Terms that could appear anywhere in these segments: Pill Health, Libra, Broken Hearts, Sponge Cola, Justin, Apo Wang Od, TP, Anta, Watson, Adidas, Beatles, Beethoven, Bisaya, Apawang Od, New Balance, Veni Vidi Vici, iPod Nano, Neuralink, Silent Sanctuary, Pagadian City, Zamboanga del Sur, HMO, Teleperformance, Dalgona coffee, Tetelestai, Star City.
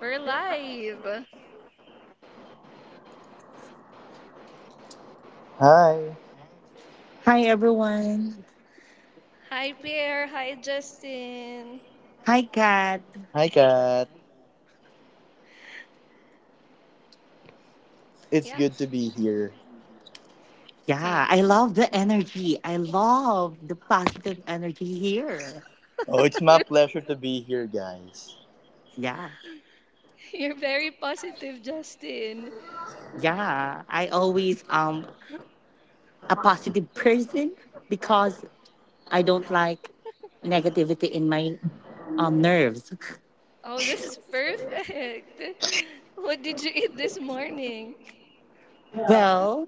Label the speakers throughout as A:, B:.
A: We're live.
B: Hi, everyone.
A: Hi, Pierre. Hi, Justin.
B: Hi, Kat.
A: Yeah,
B: Yeah,
A: Sam.
B: I love the energy. I love the positive energy here.
A: You're,
B: Yeah,
A: you're very positive, Justin.
B: yeah. I always a positive person because I don't like negativity in my nerves.
A: Oh, this is perfect. What did you eat this morning?
B: Well,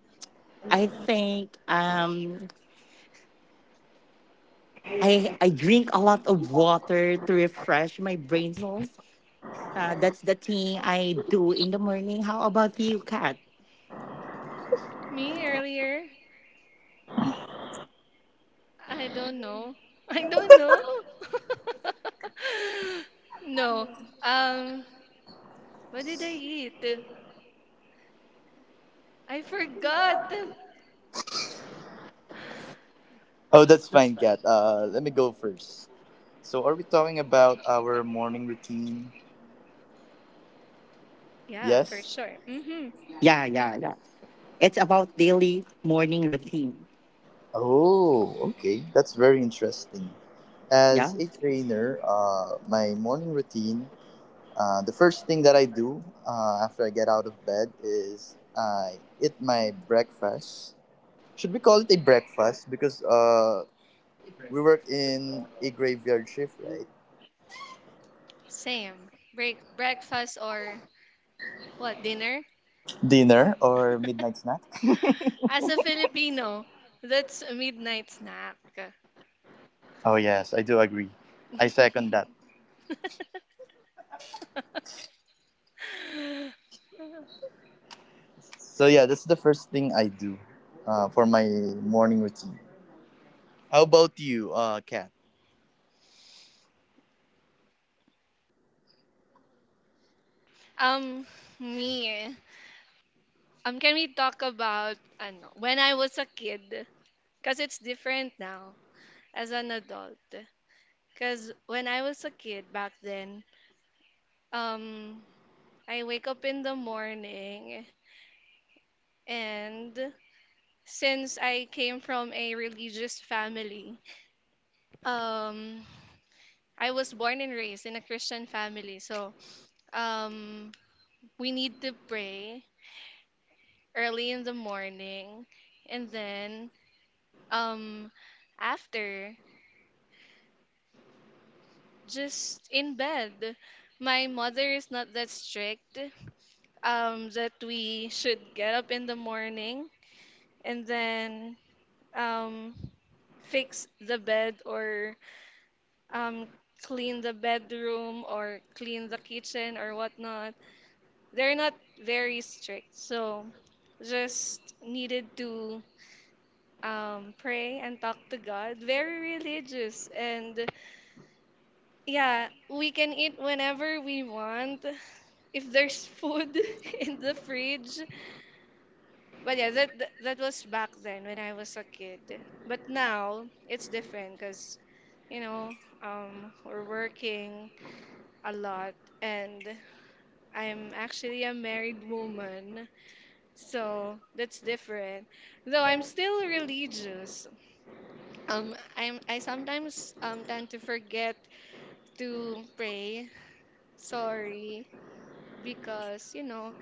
B: I think I drink a lot of water to refresh my brain cells. That's the thing I do in the morning. How about you, Kat?
A: Me earlier? I don't know. I don't know. No. Um, what did I eat? I forgot. Yeah, for sure. Mm-hmm.
B: Yeah, yeah, yeah. It's about daily morning routine. Yeah.
A: Same. Breakfast or what? Dinner? As a Filipino, that's a midnight snack.
B: Oh, do you eat heavy breakfast or light breakfast?
A: Um, Me. Can we talk about ano, when I was a kid? Because it's different now as an adult. Because when I was a kid back then, um, I wake up in the morning, and since I came from a religious family, um, I was born and raised in a Christian family. So um we need to pray early in the morning, and then um after just in bed, my mother is not that strict, that we should get up in the morning, and then um fix the bed or um clean the bedroom or clean the kitchen or whatnot. They're not very strict, so just needed to pray and talk to God. Very religious. And yeah, we can eat whenever we want if there's food in the fridge. But yeah, that was back then when I was a kid. But now it's different because you know, we're working a lot, and I'm actually a married woman. So that's different. Though I'm still religious. I sometimes tend to forget to pray. Sorry, because you know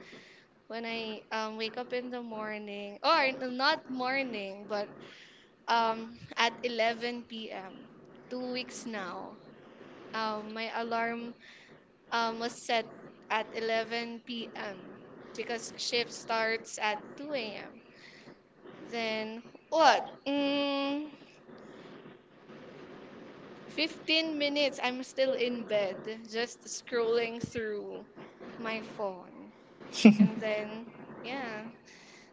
A: when I wake up in the morning, or not morning, but at 11 p.m. 2 weeks now. My alarm was set at 11 p.m. because shift starts at 2 a.m. Then what? 15 minutes, I'm still in bed, just scrolling through my phone. And then, yeah,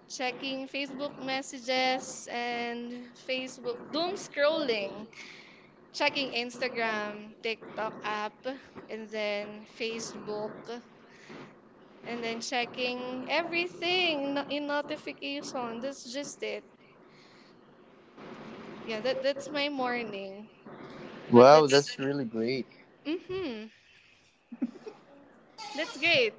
A: checking Facebook messages and Facebook, doom scrolling, checking Instagram, TikTok app, and then Facebook, and then checking everything in notification. That's just it. Yeah, that's my morning. But that's, mm-hmm. That's great.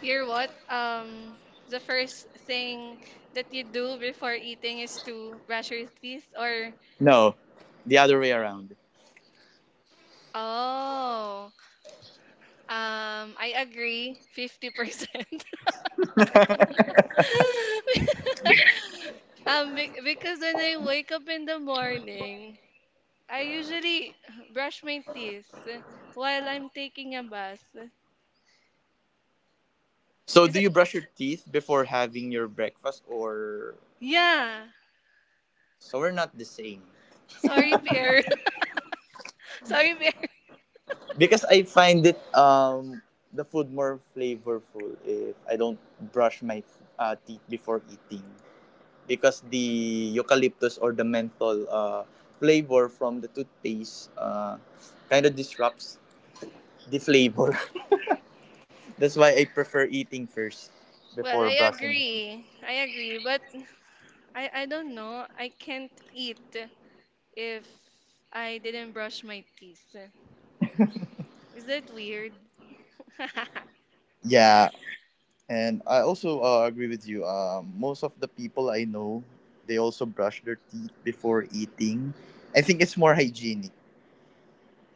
A: You're what? The first thing that you do before eating is to brush your teeth, or oh, I agree 50%. Be because when I wake up in the morning, I usually brush my teeth while I'm taking a bath. Is it? Yeah. Sorry, Pierre. Sorry, Pierre. Well, I agree. I agree, but I don't know. I can't eat if I didn't brush my teeth. Is that weird?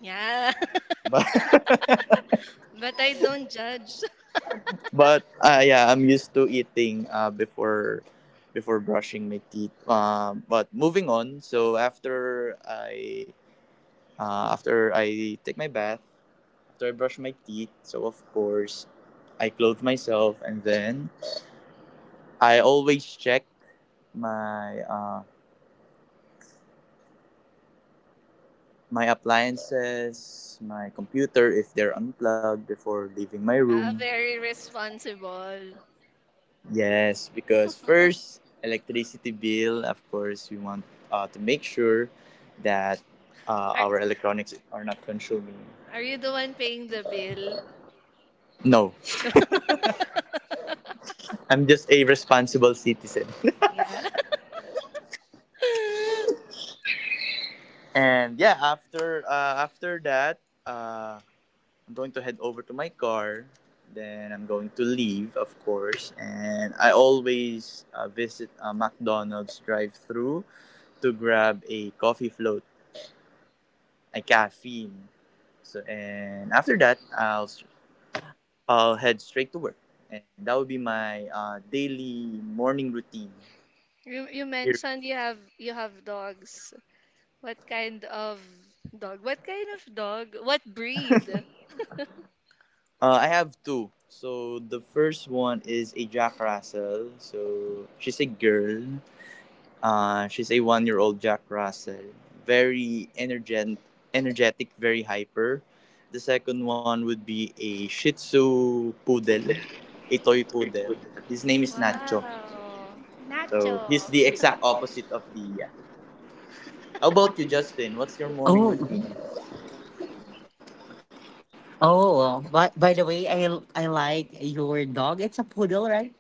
A: Yeah. But I don't judge. Ah, very responsible. Are are you the one paying the bill? No. Yeah. You mentioned you have dogs. What kind of dog? What kind of dog? What breed? Wow. Nacho.
B: Oh, oh. Well, By the way, I like your dog. It's a poodle, right?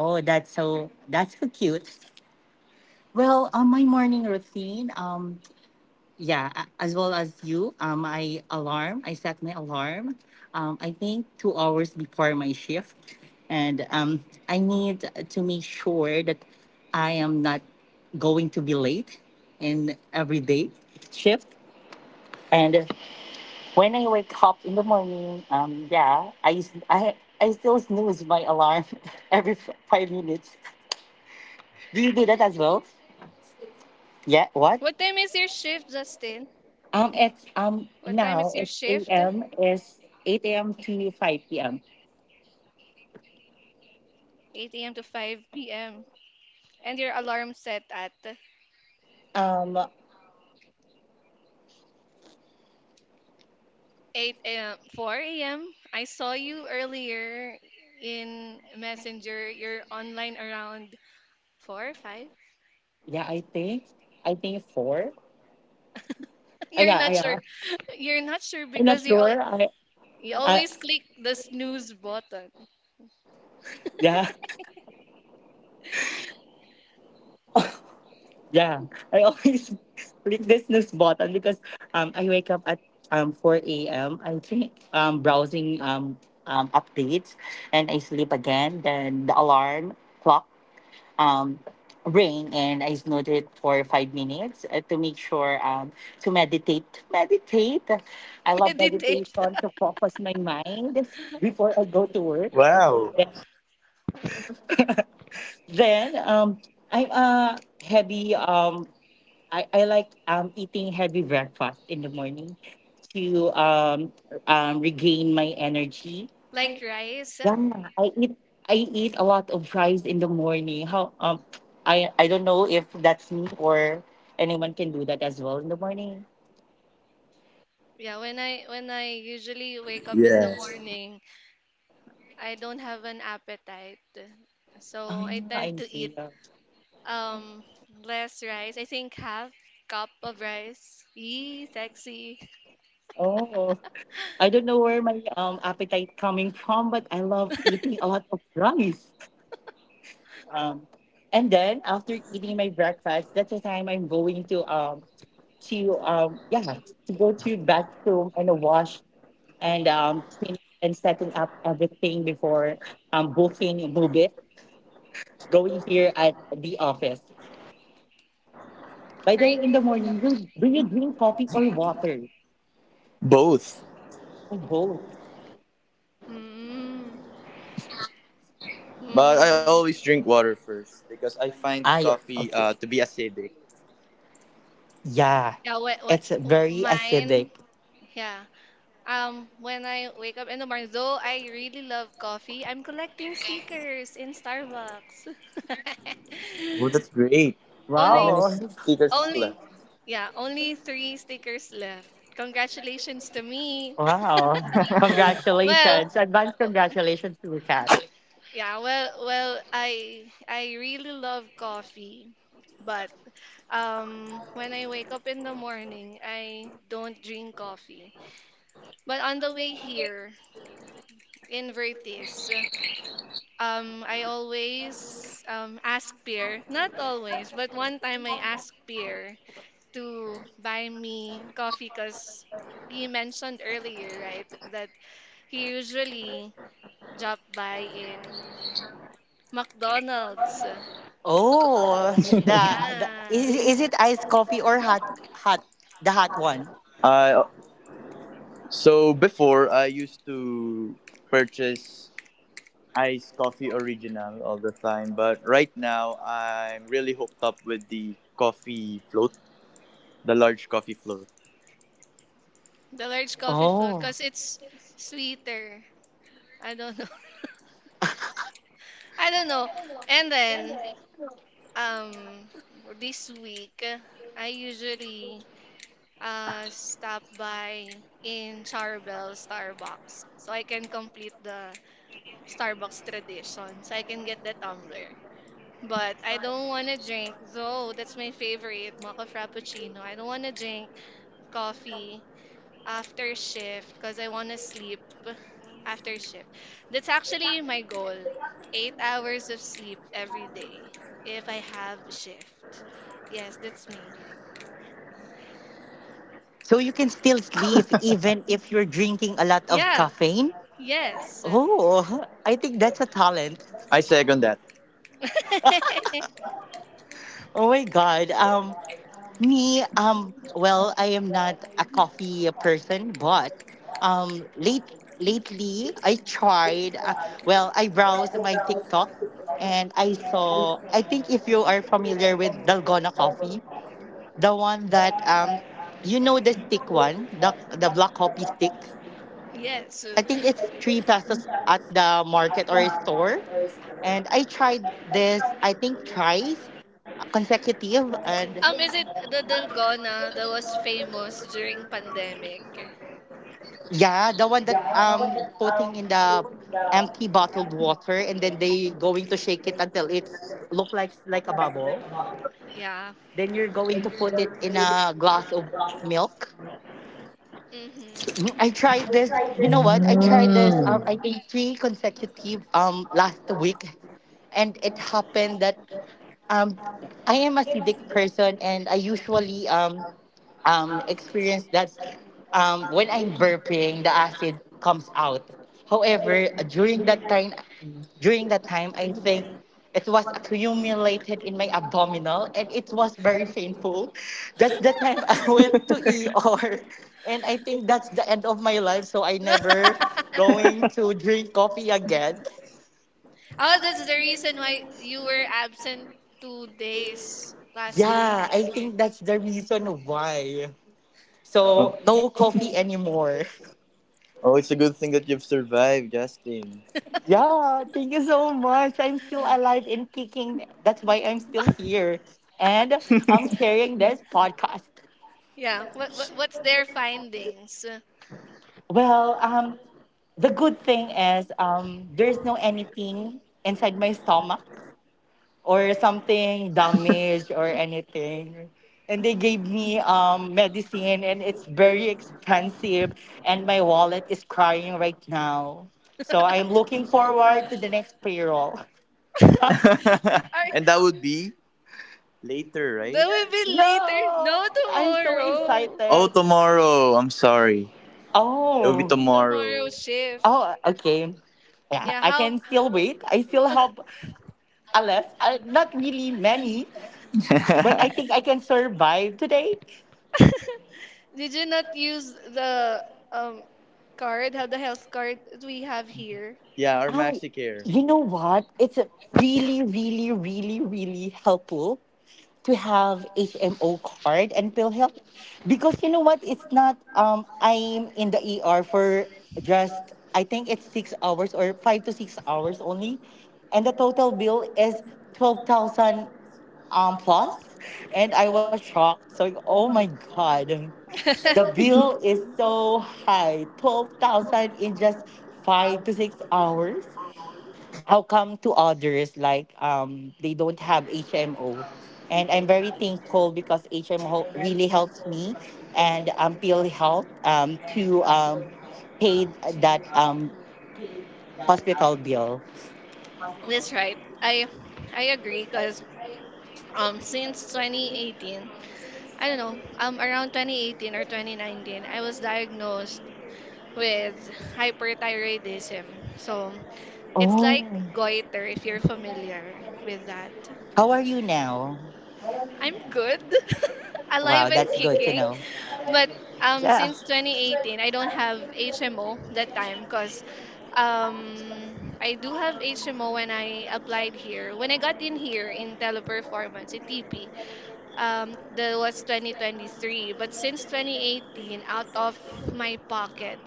B: Oh, that's so cute. Well, on my morning routine, yeah, as well as you, I set alarm. I think 2 hours before my shift, and I need to make sure that I am not going to be late in every day shift. And. When I wake up in the morning, yeah, I s- I still snooze my alarm every 5 minutes. Do you
A: What
B: do
A: time
B: that
A: is
B: as
A: your
B: well?
A: shift, Justin?
B: Yeah. What?
A: What time is your shift?
B: It's now it's a.m. is eight a.m. to five p.m.
A: 8 a.m. to 5 p.m. And your alarm set at
B: Um,
A: 8 a.m. 4 a.m. I saw you earlier in Messenger. You're online around 4 or 5.
B: yeah, I think four.
A: You're
B: Yeah,
A: not sure.
B: yeah.
A: You're not sure
B: I'm not
A: because
B: sure.
A: you
B: I
A: always click the snooze button.
B: yeah. Yeah, I always click the snooze button because I wake up at four a.m. I think browsing updates and I sleep again. Then the alarm clock um ring and I snooze it for 5 minutes to make sure to meditate, I love
A: Meditate.
B: meditation to focus my mind before I go to work. Then um I'm a heavy um I, I like eating heavy breakfast in the morning to regain my energy.
A: Like rice.
B: Yeah, I eat a lot of rice in the morning. How I don't know if that's me or anyone can do that as well in the morning.
A: Yeah, when I usually wake up in the morning, I don't have an appetite.
B: Ah,
A: So I tend
B: I'm
A: to eat
B: seeing.
A: um less rice. I think half cup of rice. Yee, sexy.
B: Oh, I don't know where my appetite coming from, but I love eating a lot of rice. Um, and then after eating my breakfast, that's the time I'm going to to um yeah to go to bathroom and a wash and cleaning and setting up everything before booking move it going here at the office. By
A: Are
B: the
A: you,
B: way, in the morning, do you drink coffee or water or both?
A: mm, mm,
B: I okay. Yeah,
A: yeah,
B: it's very
A: mine,
B: acidic.
A: yeah. When I wake up in the morning, though I really love coffee, I'm collecting stickers in Starbucks. Only,
B: Wow,
A: only, yeah, only three stickers left. Congratulations to me.
B: wow!
A: Well,
B: Congratulations, advance
A: o-
B: congratulations to you.
A: yeah, well, I really love coffee, but when I wake up in the morning, I don't drink coffee. But on the way here in Vertis, I always ask Pierre, not always, but one time I asked Pierre to buy me coffee because he mentioned earlier, right, that he usually job by in McDonald's.
B: Oh, the
A: Yeah,
B: is it iced coffee or hot hot the hot one?
A: the large coffee float
B: Oh.
A: because it's sweeter. I don't know. I don't know. And then um this week I usually stop by in Charbel Starbucks so I can complete the Starbucks tradition so I can get the tumbler. But I don't want to drink, though that's my favorite, mocha frappuccino. I don't want to drink coffee after shift because I want to sleep after shift. That's actually my goal. 8 hours of sleep every day if I have shift. Yes, that's me.
B: So you can still sleep even if you're drinking a lot of
A: Yeah,
B: caffeine?
A: yes.
B: Oh, I think that's a talent. Oh my god. Me well, I am not a coffee person, but um late lately I tried well, I browsed my TikTok and I saw. I think if you are familiar with Dalgona coffee. The one that you know the stick one, the black coffee stick.
A: Yes. So,
B: I think it's 3 pesos at the market or store. And I tried this, I think thrice consecutive, and
A: Is it the Dalgona that was famous during pandemic?
B: yeah, the one that putting in the empty bottled water, and then they going to shake it until it's look like a bubble.
A: Yeah.
B: Then you're going to put it in a glass of milk
A: Mm-hmm.
B: Mm, I tried this. You know what? I tried this. I think three consecutive last week, and it happened that um I am acidic person, and I usually experience that when I'm burping, the acid comes out. However, during that time I think it was accumulated in my abdominal, and it was very painful. That's the time I went to ER. And I think that's the end of my life, so I never going to drink coffee again.
A: Oh, that's the reason why you were absent 2 days last
B: Yeah, I
A: week.
B: think that's the reason why.
A: So,
B: So no coffee anymore. Yeah, thank you so much. I'm still alive and kicking. That's why I'm still here, and I'm sharing this podcast.
A: yeah. What's their findings?
B: Well, the good thing is there's no anything inside my stomach or something damaged or anything, and they gave me medicine, and it's very expensive, and my wallet is crying right now, so I'm looking forward to the next payroll.
A: Ay, that will be later.
B: No,
A: No,
B: I'm so
A: tomorrow.
B: excited. Oh.
A: Tomorrow shift.
B: Oh, okay. Yeah,
A: Yeah,
B: I
A: how?
B: can still wait. I still have a left, not really many, but I think I can survive today.
A: Did you not use the um card, how, the health card that we have here?
B: Oh, you know what? It's a really, really, really, really helpful to have HMO card and pill help because you know what? It's not. I'm in the ER for just I think it's 6 hours or 5 to 6 hours only, and the total bill is 12,000 plus, and I was shocked. So oh my god. The bill is so high, 12,000 in just 5 to 6 hours. How come to others like they don't have HMO? And I'm very thankful because HMO really helps me and Pill Health to pay that hospital bill.
A: That's right. I agree because since 2018, I don't know, around 2018 or 2019, I was diagnosed with hyperthyroidism. So it's like
B: Oh.
A: goiter if you're familiar with that.
B: How are you now?
A: I'm good,
B: Wow,
A: alive
B: that's
A: and
B: good to
A: kicking.
B: know.
A: But
B: Yeah.
A: since 2018, I don't have HMO that time because um, I do have HMO when I applied here. When I got in here in Teleperformance in TP, that was 2023. But since 2018, out of my pocket,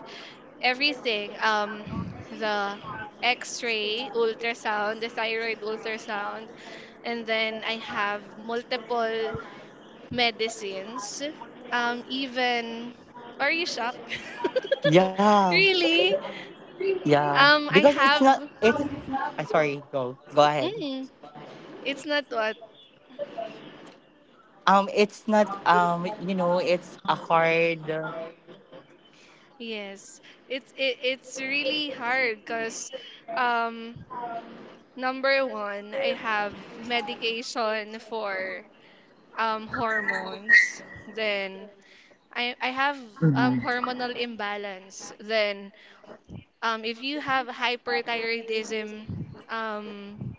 A: everything, the X-ray, ultrasound, the thyroid ultrasound, and then I have multiple medicines, even. Are you shocked?
B: Yeah.
A: Really?
B: Yeah.
A: I
B: Because it's not
A: have.
B: it's I sorry, Go ahead.
A: Mm, it's not what.
B: It's not it's a hard.
A: Yes, it's it's really hard because, um, number one, I have medication for hormones. Then I have hormonal imbalance. Then um if you have hyperthyroidism, um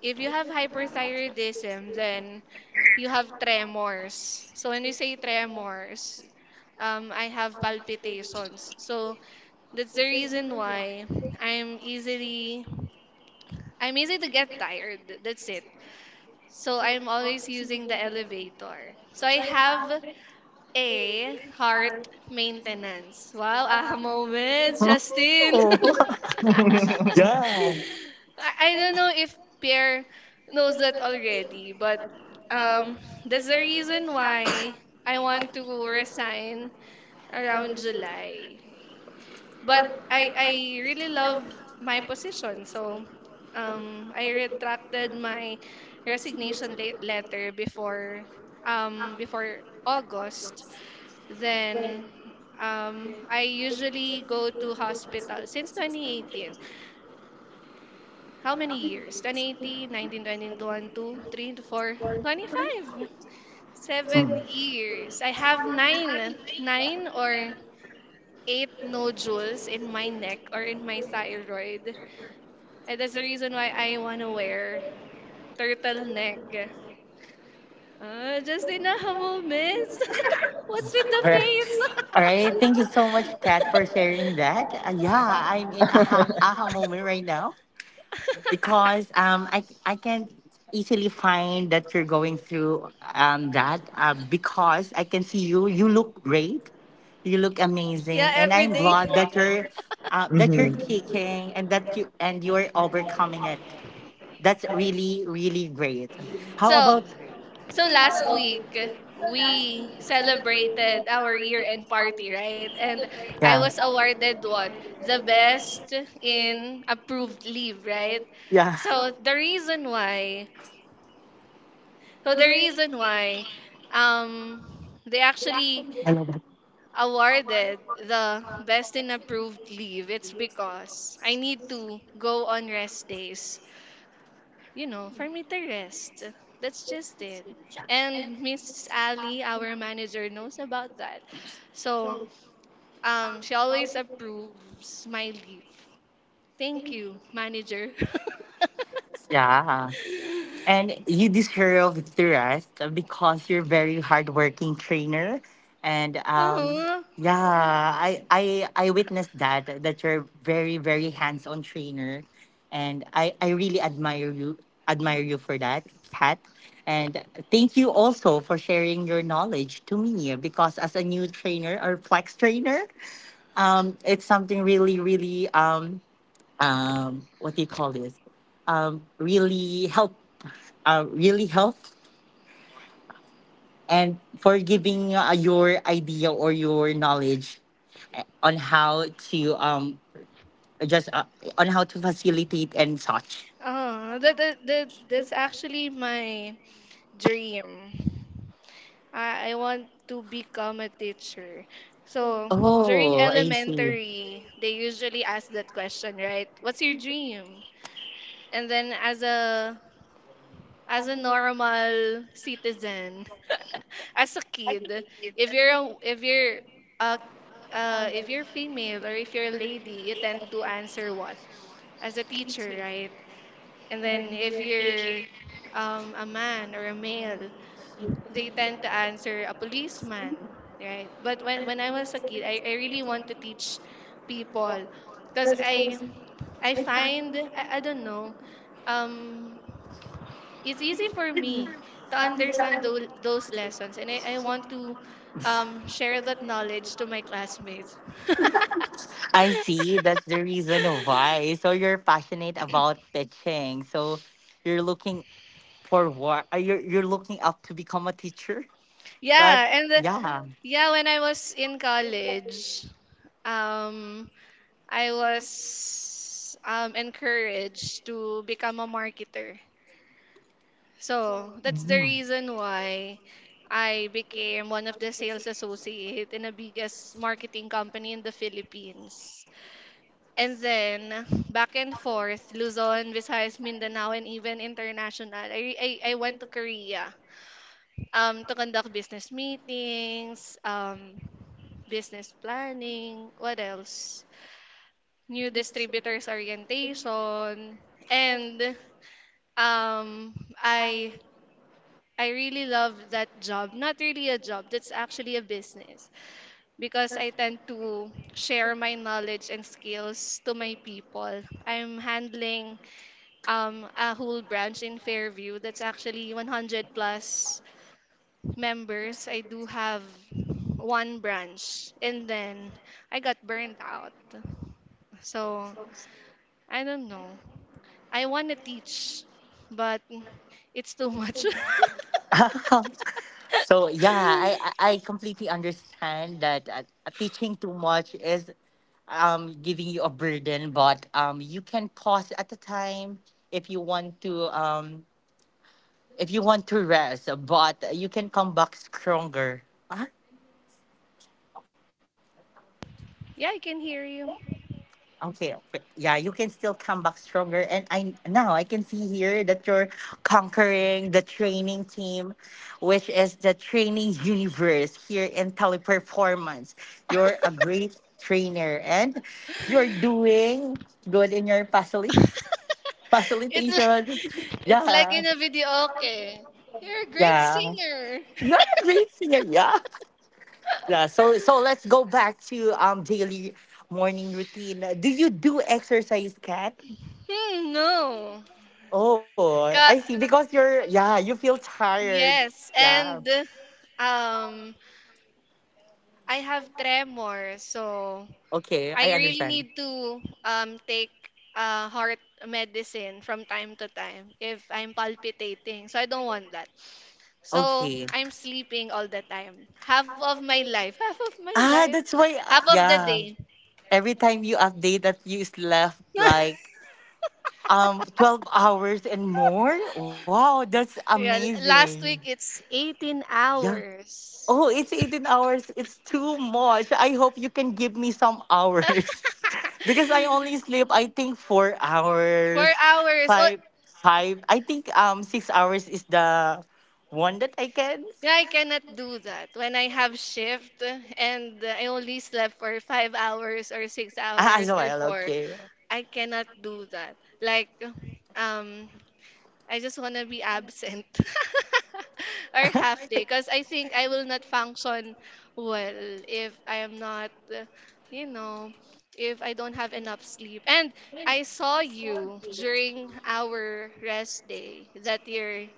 A: If you have hyperthyroidism, then you have tremors. So when you say tremors, I have palpitations. So that's the reason why I'm easily I'm easy to get tired. That's it. So I'm always using the elevator. So I have a heart maintenance. Wow, aha moments, Justin.
B: Yeah.
A: I don't know if Pierre knows that already, but um, that's the reason why I want to resign around July. But I really love my position, so um, I retracted my resignation letter before um before August. Then I usually go to hospital since 2018. How many years? 2018, 19, 20, 22, 3, four, 25. 7 years. I have nine, nine or eight nodules in my neck or in my thyroid. And that's the reason why I want to wear turtleneck. Just in a moment. What's with
B: Alright.
A: the
B: All right. Thank you so much, Pat, for sharing that. Yeah, I'm in aha moment right now.
A: face?
B: Because I can easily find that you're going through that, because I can see you look great, you look
A: Yeah,
B: amazing, and
A: every
B: I'm
A: day.
B: glad that you're kicking, and that you and you're overcoming it. That's really really great. How
A: So,
B: about?
A: so, last week we celebrated our year-end party, right? And I
B: Yeah,
A: was awarded what? The best in approved leave, right?
B: yeah.
A: So the reason why, so the reason why, um, they actually
B: I love that.
A: awarded the best in approved leave. It's because I need to go on rest days, for me to rest. That's just it. And Miss Ali, our manager, knows about that. So, she always approves my leave. Thank you, manager.
B: Yeah. And you deserve the rest because you're very hardworking trainer. And
A: Aww.
B: yeah, I witnessed that you're very very hands-on trainer, and I really admire you for that, Kat. And thank you also for sharing your knowledge to me because as a new trainer or flex trainer, it's something really really what do you call this really help, really help, and for giving your idea or your knowledge, uh, on how to um just uh, on how to facilitate and such.
A: Oh, that's actually my dream. I want to become a teacher. So during
B: Oh, I see.
A: elementary, they usually ask that question, right? What's your dream? And then as a normal citizen, as a kid, if you're a, if you're a if you're female or if you're a lady, you tend to answer what? As a teacher, right? And then if you're a man or a male, they tend to answer a policeman, right? But when I was a kid, I really want to teach people because I don't know, um it's easy for me to understand those lessons, and I want to share that knowledge to my classmates.
B: I see. That's the reason why. So you're passionate about teaching. So you're looking for what? Are you're looking up to become a teacher? But
A: Yeah,
B: yeah.
A: when I was in college, um, I was encouraged to become a marketer. So that's the
B: Mhm.
A: reason why I became one of the sales associate in the biggest marketing company in the Philippines. And then back and forth, Luzon, Visayas, Mindanao, and even international. I went to Korea, to conduct business meetings, business planning, what else? New distributors orientation. And um, I I really love that job. Not really a job, that's actually a business because I tend to share my knowledge and skills to my people. I'm handling a whole branch in Fairview that's actually 100 plus members. I do have one branch, and then I got burned out. So I don't know. I want to teach, but it's too much.
B: So yeah, I, I I completely understand that teaching too much is giving you a burden, but you can pause at a time if you want to, if you want to rest, but you can come back stronger.
A: Yeah, I can hear you.
B: Okay, okay. Yeah, you can still come back stronger. And I now I can see here that you're conquering the training team, which is the training universe here in Teleperformance. You're a great trainer, and you're doing good in your
A: It's
B: facilitation.
A: li- it's like
B: Yeah.
A: in a video. Okay, you're a great
B: Yeah.
A: singer.
B: You're a great singer. Yeah. Yeah. So let's go back to daily morning routine. Do you do exercise, Kat?
A: Hmm, no.
B: Oh,
A: Ka-
B: I see. Because yeah, you feel tired.
A: yes, and
B: Yeah.
A: um I have tremor, so I
B: Okay, I
A: really need
B: understand.
A: to take heart medicine from time to time if I'm palpitating. So I don't want that. So
B: Okay.
A: I'm sleeping all the time. Half of my life, half of my
B: Ah,
A: life,
B: that's why,
A: half of the
B: yeah.
A: day.
B: Every time you update that you is left like 12 hours and more. Wow, that's
A: Yeah,
B: amazing.
A: last week it's 18
B: Yeah.
A: hours.
B: Oh, it's 18 hours. It's too much. I hope you can give me some hours. Because I only sleep I think 4
A: Four
B: hours,
A: hours. Oh,
B: 5 5. I think 6 hours is the one that I can.
A: yeah, I cannot do that. When I have shift and I only slept for 5 hours or six
B: Ah, as
A: hours or
B: well,
A: four,
B: okay.
A: I cannot do that. Like, um, I just wanna be absent or half day, cause I think I will not function well if I am not, you know, if I don't have enough sleep. And I saw you during our rest day that you're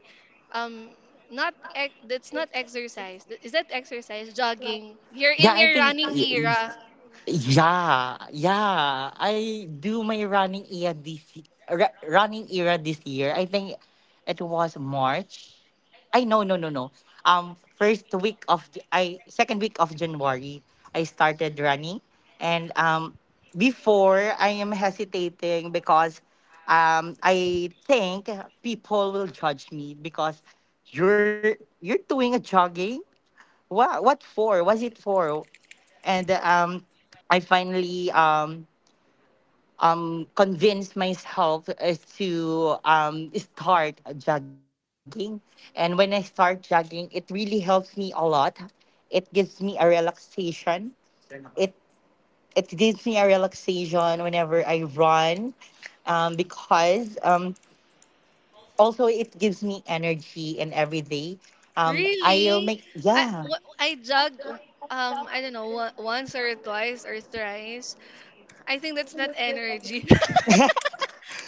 A: um not ex- that's not exercise. Is that exercise? Jogging. You're
B: Yeah,
A: in
B: I
A: your
B: think.
A: running era.
B: Yeah, yeah. I do my running era this running era this year. I think it was March. I, no, no, no, no. First week of J- I second week of January I started running, and before I am hesitating because I think people will judge me because you're doing a jogging. What for? Was it for? And I finally convinced myself to start jogging. And when I start jogging, it really helps me a lot. It gives me a relaxation. It it gives me a relaxation whenever I run, because also it gives me energy in every day. I'll
A: Really?
B: make yeah.
A: I jogged I don't know once or twice or thrice. I think that's not energy.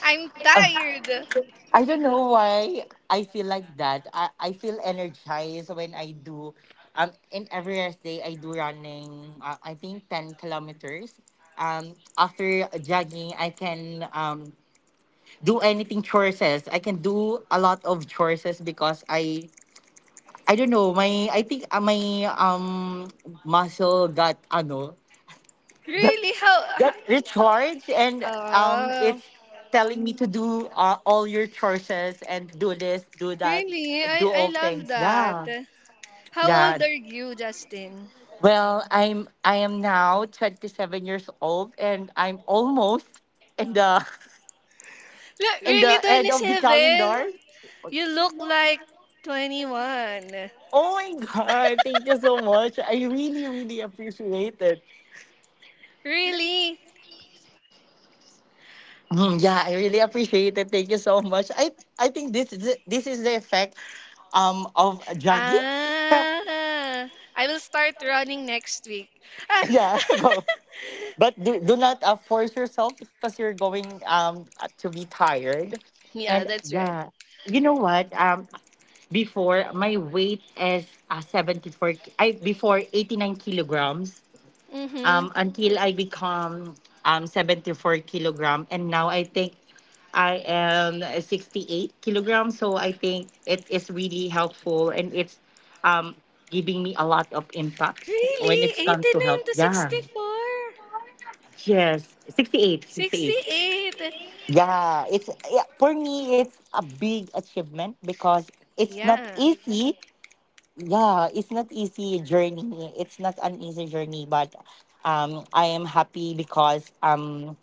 A: I'm
B: Oh,
A: tired.
B: I don't know why I feel like that. I feel energized when I do. In every rest day, I do running. I think 10 kilometers. After jogging, I can do anything chores. I can do a lot of chores because I don't know, my, I think my muscle got ano got
A: Really?
B: got recharged, and
A: Oh,
B: it's telling me to do all your choices and do this, do that,
A: really?
B: do
A: I
B: all
A: love
B: things.
A: that.
B: Yeah,
A: How
B: yeah.
A: old are you, Justin?
B: Well, I am now 27 years old, and I'm almost in the
A: Look,
B: in
A: really
B: the end of the
A: 27?
B: calendar.
A: You look like 21.
B: Oh my god, thank you so much. I really, really appreciate it.
A: Really?
B: Mm, yeah, I really appreciate it. Thank you so much. I think this is the effect of jogging.
A: Ah, I will start running next week. Ah,
B: Yeah, go. But do not force yourself, because you're going to be tired.
A: Yeah,
B: And
A: that's right.
B: yeah, you know what? Before, my weight is 74 I before, 89 kilograms,
A: Mm-hmm.
B: until I become 74 kilogram. And now I think I am 68 kilogram. So I think it is really helpful, and it's um, giving me a lot of impacts when it
A: Really?
B: comes to health.
A: 89 to
B: Yeah.
A: 64?
B: Yes, 68, 68.
A: 68?
B: Yeah. For me, it's a big achievement because it's not
A: Yeah.
B: easy. Yeah, it's not easy journey. It's not an easy journey, but I am happy because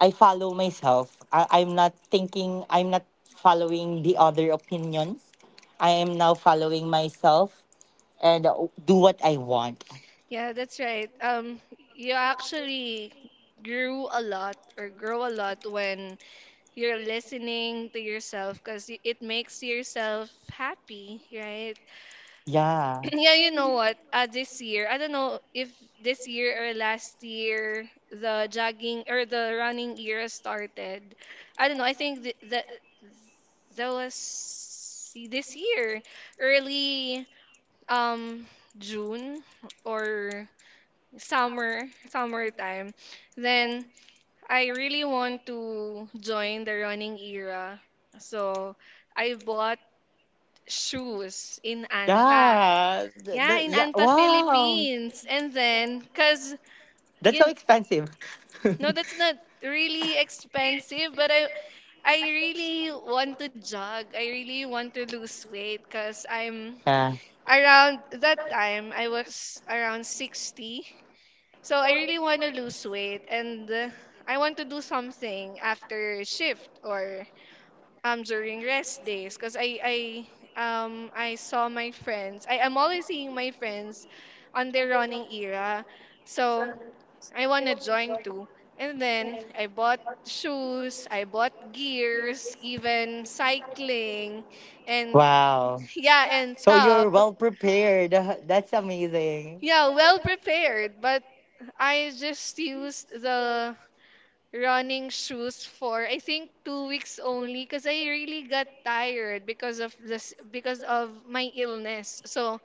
B: I follow myself. I'm not thinking, I'm not following the other opinions. I am now following myself, and do what I want.
A: Yeah, that's right. You actually grew a lot or grow a lot when you're listening to yourself because it makes yourself happy, right?
B: Yeah.
A: Yeah, you know what? This year, I don't know if this year or last year the jogging or the running era started. I don't know. I think that was this year, early um June or summer summertime. Then I really want to join the running era, so I bought shoes in Anta.
B: Yeah,
A: Yeah, in
B: yeah,
A: Anta,
B: wow,
A: Philippines. And then, cause
B: that's so
A: you
B: expensive.
A: No, that's not really expensive, but I really want to jog. I really want to lose weight, cause I'm
B: Yeah,
A: around that time I was around 60. So I really want to lose weight, and I want to do something after shift or during rest days because I saw my friends. I am always seeing my friends on their running era. So I want to join too. And then I bought shoes, I bought gears, even cycling and
B: wow,
A: yeah, and
B: so you're
A: tub.
B: well prepared. That's amazing.
A: Yeah, well prepared, but I just used the running shoes for I think 2 weeks only because I really got tired because of my illness. So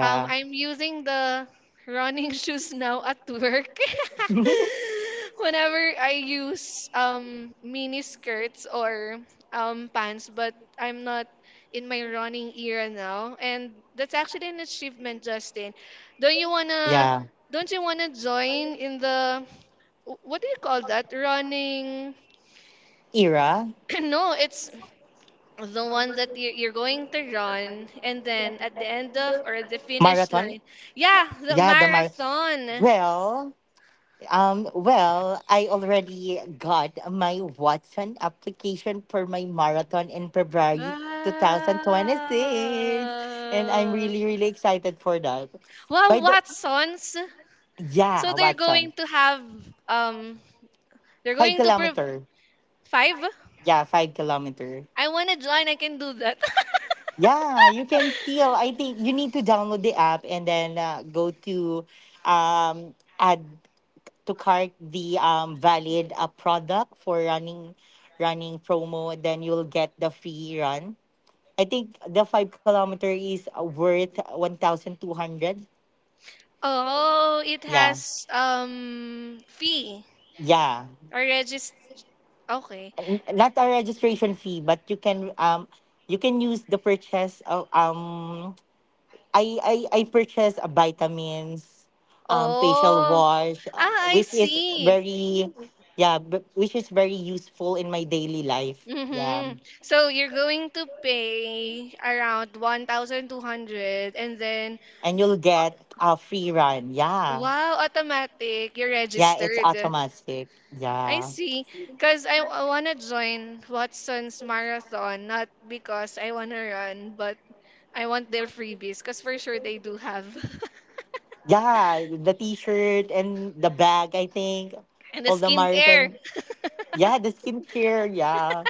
A: I'm using the running shoes now at work. Whenever I use mini skirts or pants, but I'm not in my running era now. And that's actually an achievement, Justin. Don't you wanna
B: Yeah.
A: don't you wanna join in the what do you call that? Running.
B: Era.
A: No, it's the one that you're going to run, and then at the end of or at the finish
B: Marathon.
A: line. Yeah, the
B: Yeah, the mar.
A: marathon.
B: Well, well, I already got my Watson application for my marathon in February 2026. And I'm
A: Wow.
B: really, really excited for that.
A: Wow,
B: By the—
A: Watsons. So
B: yeah,
A: they're
B: Watson.
A: going to have um, they're
B: Five
A: going to prove
B: kilometer.
A: five.
B: Yeah, 5 kilometer.
A: I wanna join. I can do that.
B: Yeah, you can still. I think you need to download the app, and then go to um add to cart the valid product for running promo, then you'll get the free run. I think the 5 kilometer is worth 1200.
A: Oh, it
B: Yeah,
A: has fee
B: yeah.
A: or regist. Okay.
B: Not a registration fee, but you can use the purchase of I purchase vitamins, facial
A: Oh,
B: wash,
A: ah, I
B: which is
A: see.
B: very— yeah, which is very useful in my daily life. Yeah.
A: Mm-hmm. So you're going to pay around 1,200 and then
B: And you'll
A: uh,
B: get a free run. Yeah.
A: wow, automatic, you're
B: Yeah, it's
A: registered.
B: automatic.
A: I
B: Yeah.
A: see. Because I want to join Watson's marathon, not because I want to run, but I want their freebies because for sure they do have.
B: Yeah, the t-shirt and the bag, I think.
A: And the
B: All the
A: skincare.
B: marathon. Yeah, the skincare, yeah.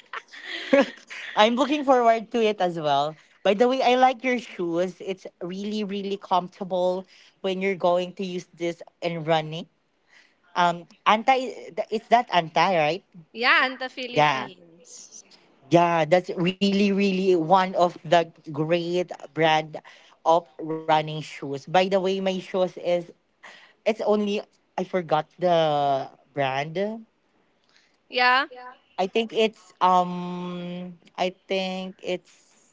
B: I'm looking forward to it as well. By the way, I like your shoes. It's really, really comfortable when you're going to use this and running. Anti, is that anti, right?
A: Yeah, and the
B: Yeah.
A: Philippines.
B: Yeah, that's really, really one of the great brand of running shoes. By the way, my shoes is— it's only— I forgot the brand.
A: Yeah.
B: I think it's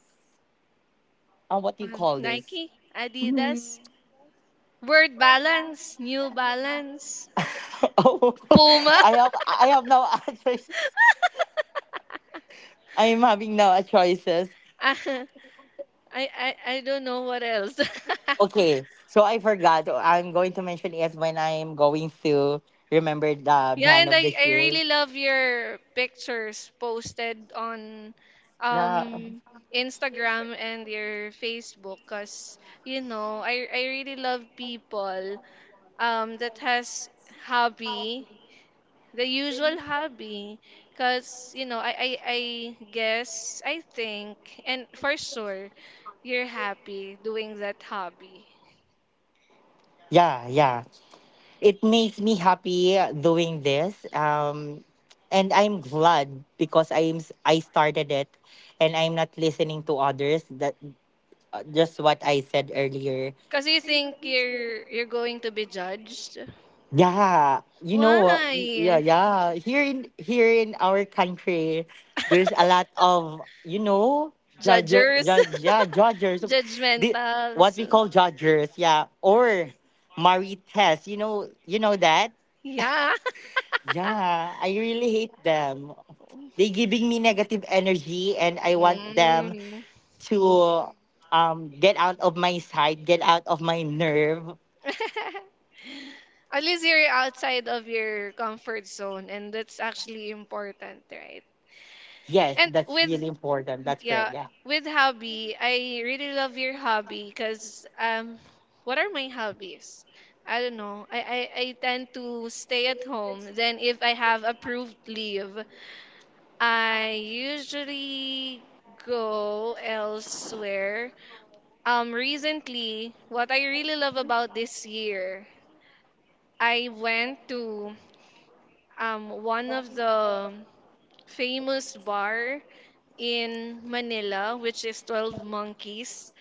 B: what do you call this?
A: Nike,
B: Mm.
A: Adidas, Word Balance, New Balance,
B: Oh,
A: Puma.
B: I have no other choices. I am having no choices.
A: I don't know what else.
B: Okay, so I forgot. I'm going to mention it when I'm going to remember the
A: Yeah,
B: brand
A: and
B: of
A: I,
B: the
A: I
B: shoes.
A: really love your pictures posted on
B: Yeah,
A: um Instagram and your Facebook because you know I really love people that has hobby the usual hobby because you know I think and for sure you're happy doing that hobby
B: yeah, yeah. It makes me happy doing this. And I'm glad because I started it, and I'm not listening to others. That— just what I said earlier.
A: because you think you're going to be judged
B: Yeah, you know
A: why
B: what? Yeah, yeah. Here in our country, there's a lot of, you know, judge,
A: judgers
B: judge, yeah, judges, the— what
A: judgmentals
B: we call judges, yeah, or marites. You know that.
A: yeah
B: Yeah, I really hate them. They giving me negative energy, and I want them
A: mm.
B: to get out of my sight, get out of my nerve.
A: At least you're outside of your comfort zone, and that's actually important, right?
B: Yes,
A: And
B: that's really important. That's correct.
A: yeah,
B: Yeah.
A: with hobby, I really love your hobby because what are my hobbies? I don't know. I tend to stay at home. Then if I have approved leave, I usually go elsewhere. Recently, what I really love about this year I went to one of the famous bar in Manila, which is 12 Monkeys,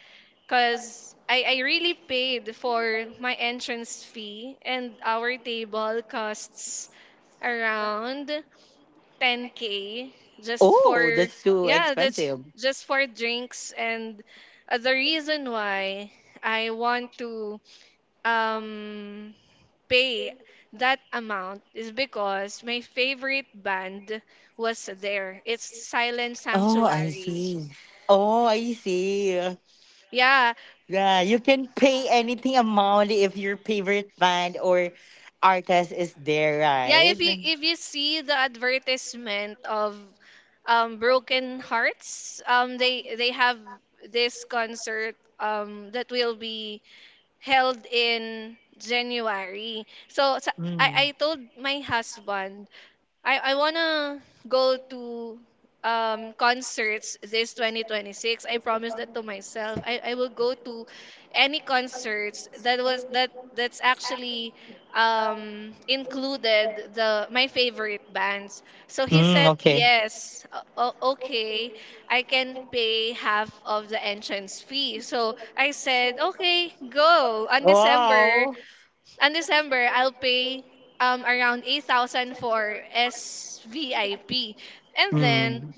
A: because I really paid for my entrance fee, and our table costs around 10K just
B: Oh,
A: for,
B: that's too
A: yeah, that's
B: expensive.
A: just for drinks. And the reason why I want to um, pay that amount is because my favorite band was there. It's Silent
B: Oh, I
A: Sanctuary.
B: see. Oh, I see. Yeah,
A: Yeah.
B: you can pay anything amount if your favorite band or artist is there, right?
A: Yeah, if you see the advertisement of Broken Hearts, they have this concert that will be held in January. So,
B: Mm.
A: I told my husband I wanna go to concerts this 2026. I promise that to myself. I will go to any concerts that was that that's actually included the my favorite bands. So he
B: Mm,
A: said
B: okay.
A: yes. Okay, I can pay half of the entrance fee. So I said, "Okay, go on December
B: Wow.
A: and December, I'll pay around 8,000 for SVIP. And then
B: Hmm.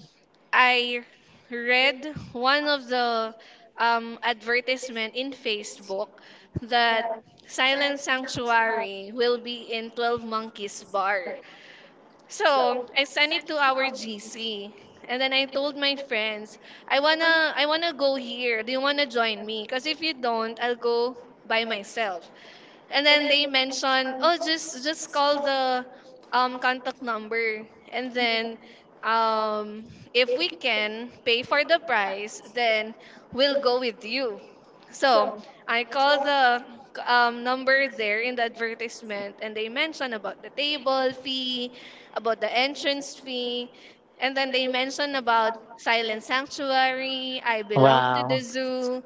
A: I read one of the advertisement in Facebook that Silent Sanctuary will be in 12 Monkeys Bar. So, I sent it to our GC. And then I told my friends, I wanna go here. Do you wanna join me? Cause if you don't, I'll go by myself. And then they mention, oh, just call the contact number, and then um if we can pay for the price, then we'll go with you. So I call the number there in the advertisement, and they mention about the table fee, about the entrance fee, and then they mention about Silent Sanctuary, I belong to
B: Wow.
A: the zoo,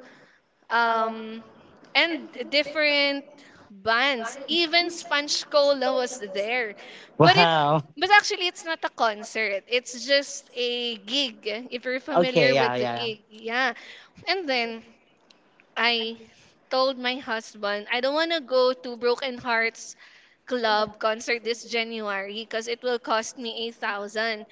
A: um, and different bands. Even Sponge Cola was there, but it
B: Wow.
A: but actually it's not a concert. It's just a gig. If you're
B: Okay.
A: familiar
B: Yeah.
A: with the
B: Yeah.
A: gig, yeah. And then I told my husband I don't want to go to Broken Hearts Club concert this January because it will cost me 8,000.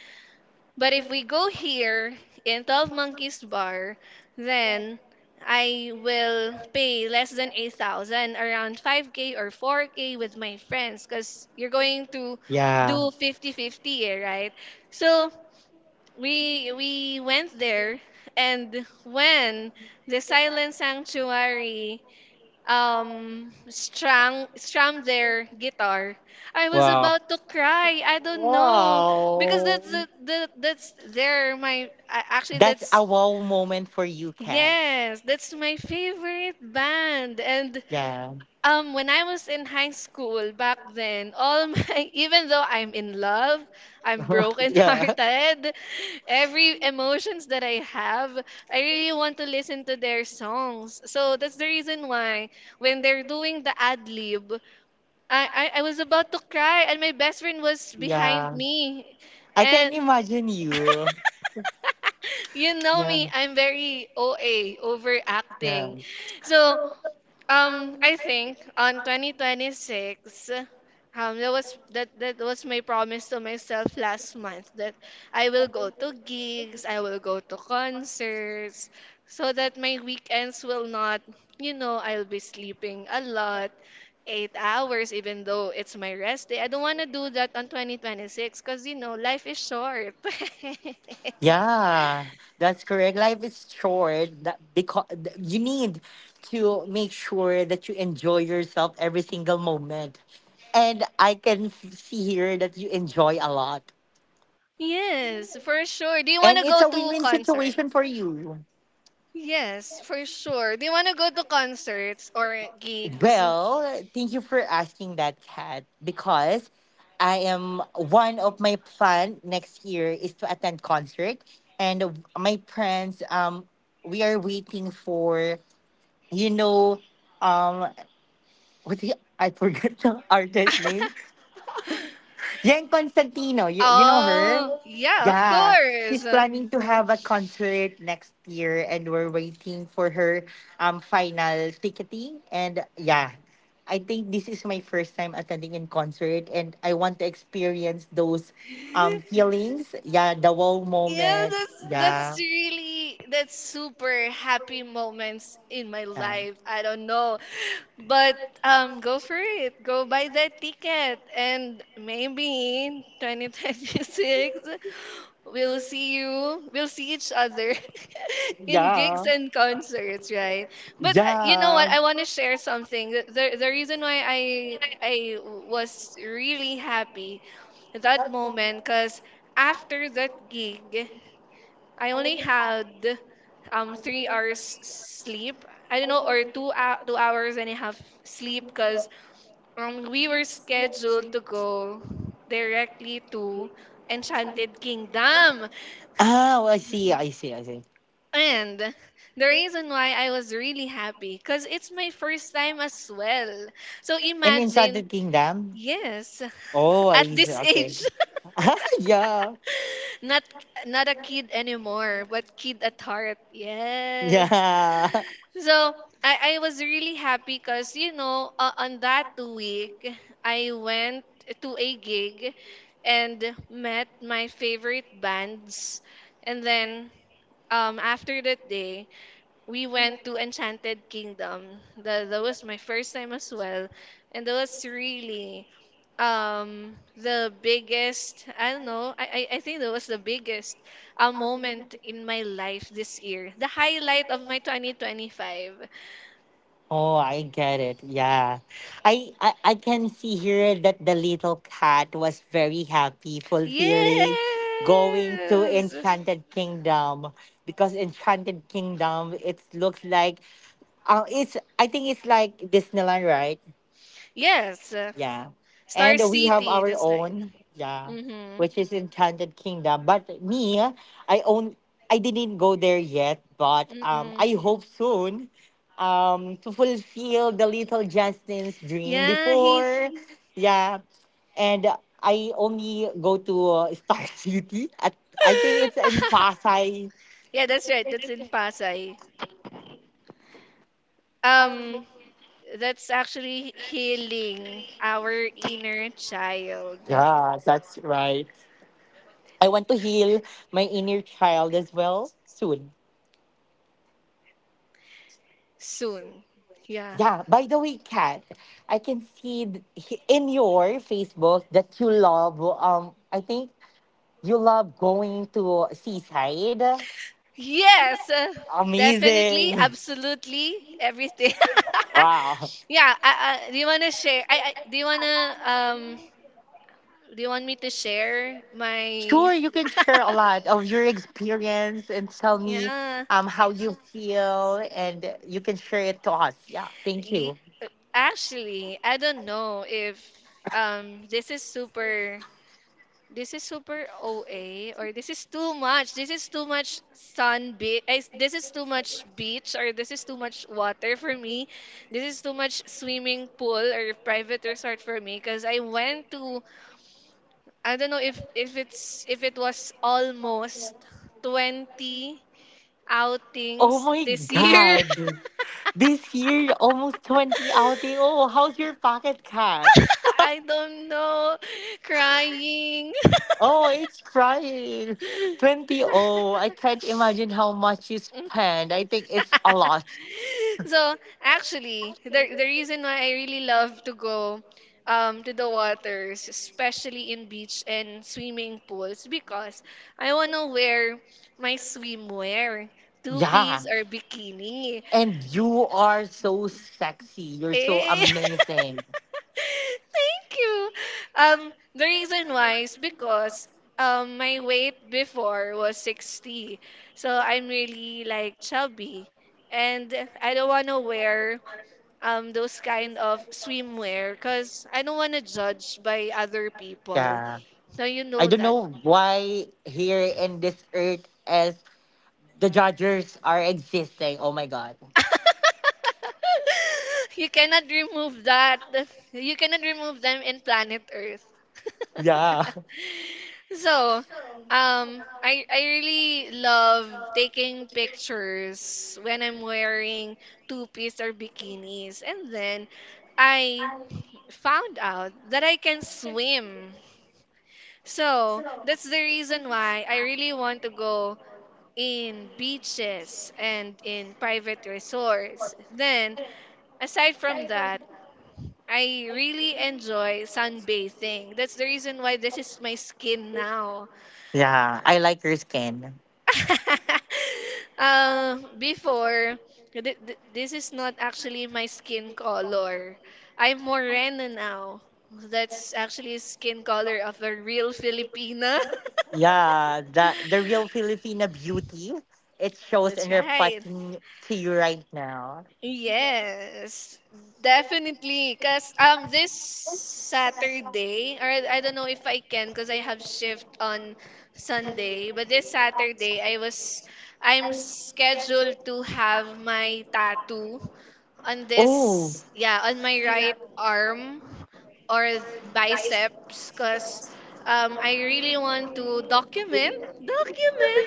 A: But if we go here in 12 Monkeys Bar, then I will pay less than 8,000, around 5K or 4K with my friends because you're going to
B: Yeah. Yeah.
A: do 50-50, eh, right? So we went there and when the Silent Sanctuary strung strum their guitar, I was
B: Wow.
A: about to cry, I don't know, because
B: Wow.
A: that's the that's their my a- actually
B: That's a
A: that's
B: wow moment for you, Kat.
A: yes that's my favorite band. And
B: Yeah.
A: when I was in high school back then, all my even though I'm in love, I'm
B: Yeah.
A: broken-hearted, every emotions that I have, I really want to listen to their songs. So that's the reason why when they're doing the ad lib, I was about to cry and my best friend was behind
B: Yeah,
A: me.
B: I can
A: And
B: imagine you.
A: you know me,
B: Yeah.
A: I'm very OA,
B: Yeah.
A: overacting. So I think on 2026, that was my promise to myself last month that I will go to gigs, I will go to concerts, so that my weekends will not, you know, I'll be sleeping a lot, 8 hours, even though it's my rest day. I don't want to do that on 2026 because you know life is short.
B: Yeah, that's correct. Life is short, that because you need to make sure that you enjoy yourself every single moment. And I can see here that you enjoy a lot.
A: Yes, for sure. Do you want to
B: And it's
A: go
B: a
A: to
B: win-win
A: concert?
B: situation for you.
A: Yes, for sure. Do you want to go to concerts or gigs?
B: Well, thank you for asking that, Kat, because I am— one of my plan next year is to attend concert, and my plans we are waiting for, you know, um, what the— I forgot the artist name. Yen Constantino, you know her?
A: Oh, yeah, of
B: Yeah, she's
A: course.
B: planning to have a concert next year, and we're waiting for her final ticketing. And yeah, I think this is my first time attending in concert, and I want to experience those feelings. Yeah, the wow
A: Yeah,
B: moment. Yeah,
A: that's super happy moments in my
B: yeah,
A: life. I don't know, but go for it. Go buy that ticket, and maybe in 2026 we'll see you. We'll see each other in gigs and concerts, right? But you know
B: yeah.
A: what? I want to share
B: Yeah.
A: something. The reason why I was really happy at that moment, cause after that gig. I only had 3 hours sleep. I don't know, or 2 hours and a half sleep, because we were scheduled to go directly to Enchanted Kingdom.
B: Ah. Oh, I see. I see. I see.
A: And the reason why I was really happy, because it's my first time as well. So
B: And
A: imagine,
B: Enchanted Kingdom?
A: yes,
B: Oh,
A: at
B: I see.
A: this
B: Okay.
A: age,
B: Yeah.
A: not not a kid anymore, but kid at heart. Yes.
B: Yeah.
A: So I was really happy because, you know, on that week, I went to a gig and met my favorite bands. And then after that day, we went to Enchanted Kingdom. That was my first time as well. And that was really the biggest, I don't know, I think that was the biggest moment in my life this year. The highlight of my 2025.
B: Oh, I get it. Yeah. I can see here that the little cat was very happy, fulfilling,
A: Yes.
B: going to Enchanted Kingdom, because Enchanted Kingdom it looks like it's I think it's like Disneyland, right?
A: Yes.
B: Yeah.
A: Star
B: And we have
A: City.
B: our
A: That's like.
B: own, yeah,
A: Mm-hmm.
B: which is Enchanted Kingdom. But me, I own I didn't go there yet, but
A: Mm-mm.
B: I hope soon to fulfill the little Justin's dream
A: Yeah, he.
B: before. Yeah. And I only go to Star City at— I think it's in Pasay.
A: Yeah, that's right. That's in Pasay. Um, that's actually healing our inner child
B: Yeah, that's right. I want to heal my inner child as well soon.
A: soon. Yeah.
B: Yeah, by the way, Kat, I can see in your Facebook that you love, I think you love going to seaside.
A: Yes, definitely,
B: Amazing.
A: absolutely, everything.
B: Wow.
A: Yeah, do you wanna share? I Do you wanna do you want me to share
B: Sure,
A: my
B: you can share a lot of your experience and tell me
A: yeah?
B: how you feel, and you can share it to us. Yeah, thank
A: Ye-
B: you.
A: uh, Actually, I don't know if um this is super this is super OA or this is too much. This is too much sun beach. This is too much beach or this is too much water for me. This is too much swimming pool or private resort for me because I went to I don't know if it's if it was almost 20
B: Oh
A: outings
B: my
A: this year.
B: God. This year, almost 20 outing. Oh, how's your pocket, Kat?
A: I don't know. Crying.
B: Oh, it's crying. 20. Oh, I can't imagine how much you spend. I think it's a lot.
A: So actually, the reason why I really love to go to the waters, especially in beach and swimming pools, because I wanna wear my swimwear, two
B: Yeah.
A: piece or bikini.
B: And you are so sexy. You're so
A: Eh.
B: amazing.
A: Thank you. The reason why is because my weight before was 60. So I'm really like chubby. And I don't want to wear those kind of swimwear because I don't want to judge by other people.
B: Yeah.
A: So you
B: I
A: know
B: don't
A: that
B: know why here in this earth as the judges are existing. Oh my God.
A: you cannot remove that. You cannot remove them in planet Earth.
B: Yeah.
A: So, I really love taking pictures when I'm wearing two-piece or bikinis, and then I found out that I can swim. So that's the reason why I really want to go in beaches and in private resorts. Then aside from that, I really enjoy sunbathing. That's the reason why this is my skin now.
B: Yeah. I like your skin.
A: Before, this is not actually my skin color. I'm morena now. That's actually skin color of a real Filipina.
B: Yeah, the real Filipina beauty, it shows
A: That's
B: and
A: right.
B: reflecting to you right now.
A: Yes, definitely. Cause this Saturday, or I don't know if I can, cause I have shift on Sunday. But this Saturday, I'm scheduled to have my tattoo on
B: Oh,
A: this, yeah, on my right arm or biceps, cause I really want to document.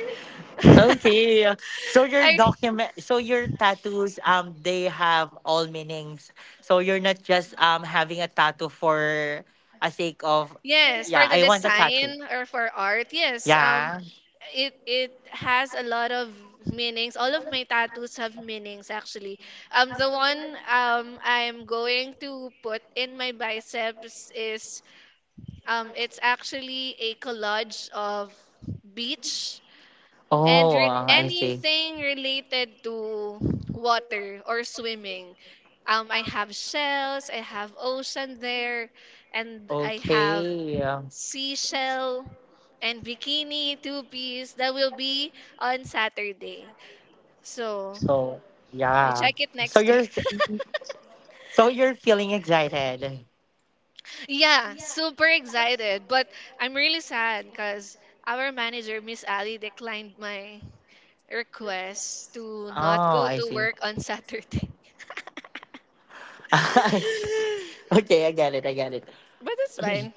B: okay. So your
A: I.
B: document, so your tattoos, they have all meanings. So you're not just having a tattoo for a sake of—
A: Yes, for
B: yeah,
A: the
B: I want a tattoo.
A: design or for art, yes.
B: Yeah.
A: It has a lot of meanings. All of my tattoos have meanings actually. The one I'm going to put in my biceps is it's actually a collage of beach and
B: Oh, I see.
A: anything related to water or swimming. I have shells, I have ocean there, and I have
B: Okay.
A: seashell and bikini two piece that will be on Saturday. So
B: So yeah.
A: you check
B: So
A: it
B: you're
A: next week.
B: So you're feeling excited.
A: Yeah, super excited, but I'm really sad because our manager, Miss Ali, declined my request to not
B: Oh,
A: go
B: I
A: to
B: see.
A: work on Saturday.
B: Okay, I get it. I get it.
A: But it's fine.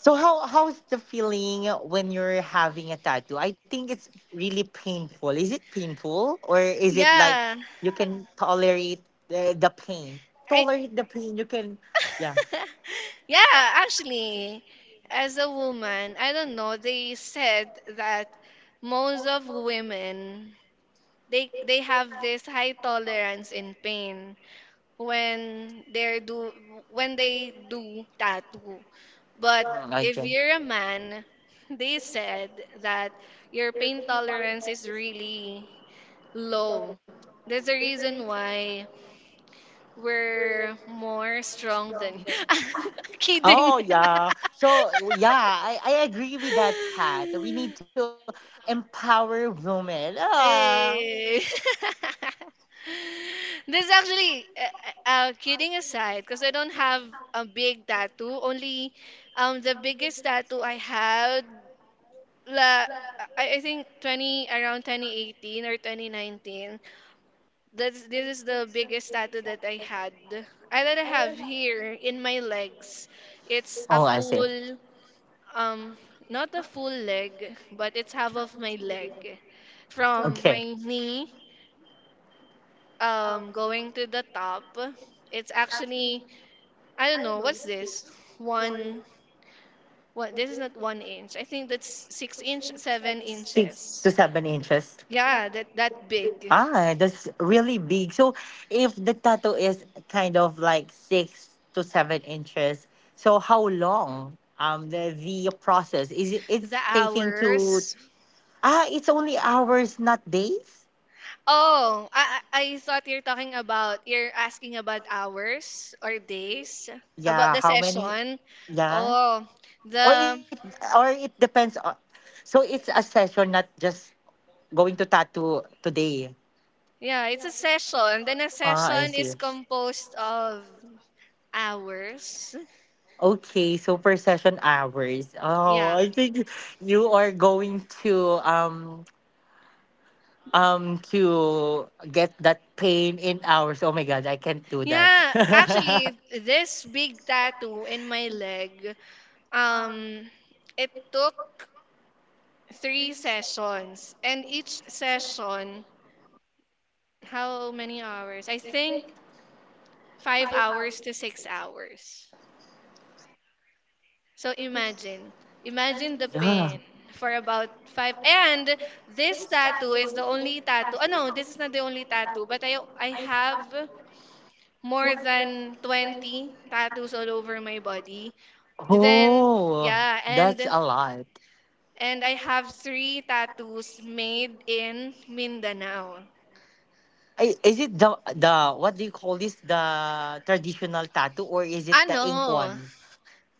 B: So, how's the feeling when you're having a tattoo? I think it's really painful. Is it painful, or is it like
A: Yeah.
B: you can tolerate the pain?
A: I.
B: Tolerate the pain. You can— yeah.
A: Yeah, actually, as a woman, I don't know, they said that most of women they have this high tolerance in pain when they're do when they do tattoo. But
B: Mm, I
A: if you're a
B: can.
A: man, they said that your pain tolerance is really low. There's a reason why we're more strong than you. Kidding.
B: Oh yeah. So yeah, I agree with that, Kat. We need to empower women. Ah.
A: Hey. This actually, kidding aside, because I don't have a big tattoo. Only, the biggest tattoo I had, la, I think 20 around 2018 or 2019. That's this is the biggest tattoo that I had. I that I have here in my legs. It's
B: Oh,
A: a
B: I see.
A: full. Um, not a full leg, but it's half of my leg. From
B: Okay.
A: my knee, going to the top. It's actually, I don't know, what's this? One, what, this is not one inch. I think that's six inch, seven
B: Six
A: inches.
B: to seven inches.
A: Yeah, that that big.
B: Ah, that's really big. So if the tattoo is kind of like 6 to 7 inches, so how long the process is—
A: The
B: it's taking to—
A: hours.
B: ah, it's only hours, not days.
A: Oh, I thought you're talking about, you're asking about hours or days, about
B: Yeah,
A: the
B: how many?
A: session.
B: Yeah.
A: Oh,
B: or it
A: the.
B: or it depends on, so it's a session, not just going to tattoo today.
A: Yeah, it's a session. Then a
B: Ah, I
A: session
B: see.
A: is composed of hours.
B: Okay, so per session hours. Oh,
A: Yeah.
B: I think you are going to get that pain in hours. Oh my god, I can't do that.
A: Yeah, actually this big tattoo in my leg, um it took three sessions and each session how many hours? I think 5 hours to 6 hours. So imagine, imagine the
B: Yeah.
A: pain for about five. And this tattoo is the only tattoo. Oh no, this is not the only tattoo, but I have more than 20 tattoos all over my body. Then
B: Oh,
A: yeah,
B: that's a lot.
A: and I have three tattoos made in Mindanao.
B: Is it— the what do you call this? The traditional tattoo, or is it
A: Ah
B: the ink
A: no,
B: one?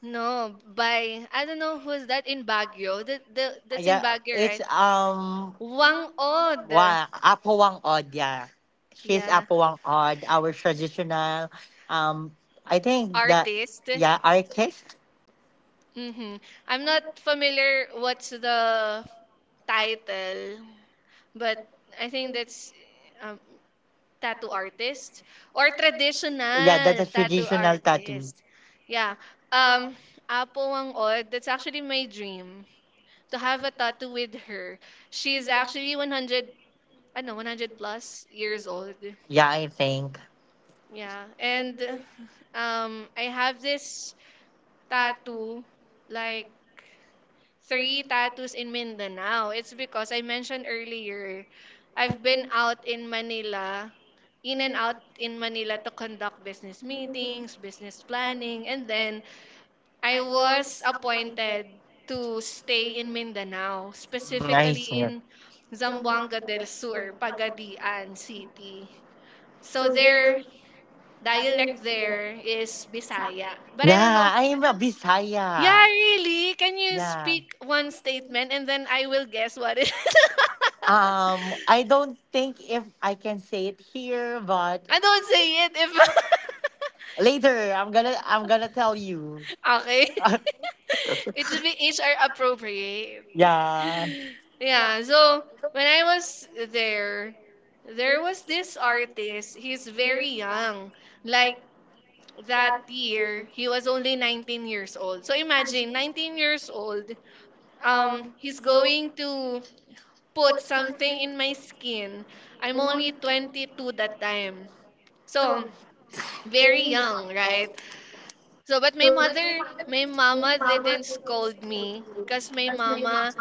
A: no, by I don't know who's that in Baguio.
B: Ah,
A: That's in
B: yeah,
A: Baguio,
B: it's
A: right? Wang Od.
B: Wa Apawang Od, yeah. She's
A: Yeah,
B: Apawang Od, our traditional— um I think that—
A: artist.
B: yeah, artist.
A: Mm-hmm. I'm not familiar what's the title, but I think that's um, tattoo artist or
B: Yeah, that's
A: traditional
B: a
A: tattoo
B: traditional tattoo.
A: artist. Yeah. Um, Apo Wang Od, that's actually my dream to have a tattoo with her. She's actually 100, I know, 100 plus years old.
B: Yeah, I think.
A: Yeah. And I have this tattoo like three tattoos in Mindanao. It's because I mentioned earlier, I've been out in Manila, in and out in Manila to conduct business meetings, business planning, and then I
B: I
A: was
B: was appointed
A: appointed
B: to
A: to
B: stay.
A: stay in Mindanao,
B: Nice.
A: specifically
B: Yeah.
A: in Zamboanga del Sur, Pagadian City. So their dialect there is Bisaya. But I don't know.
B: Yeah, I am a
A: Yeah,
B: Bisaya.
A: really? Can you
B: Yeah.
A: speak one statement and then I will guess what it is?
B: I don't think if I can say it here, but
A: I don't say it if
B: later I'm gonna tell you.
A: okay. It should be HR appropriate.
B: Yeah.
A: Yeah, so when I was there, there was this artist. He's very young. Like that year, he was only 19 years old. So imagine 19 years old. He's going to put something in my skin. I'm only 22 that time. So, very young, right? So, but my mother, my mama didn't scold me. Because my mama,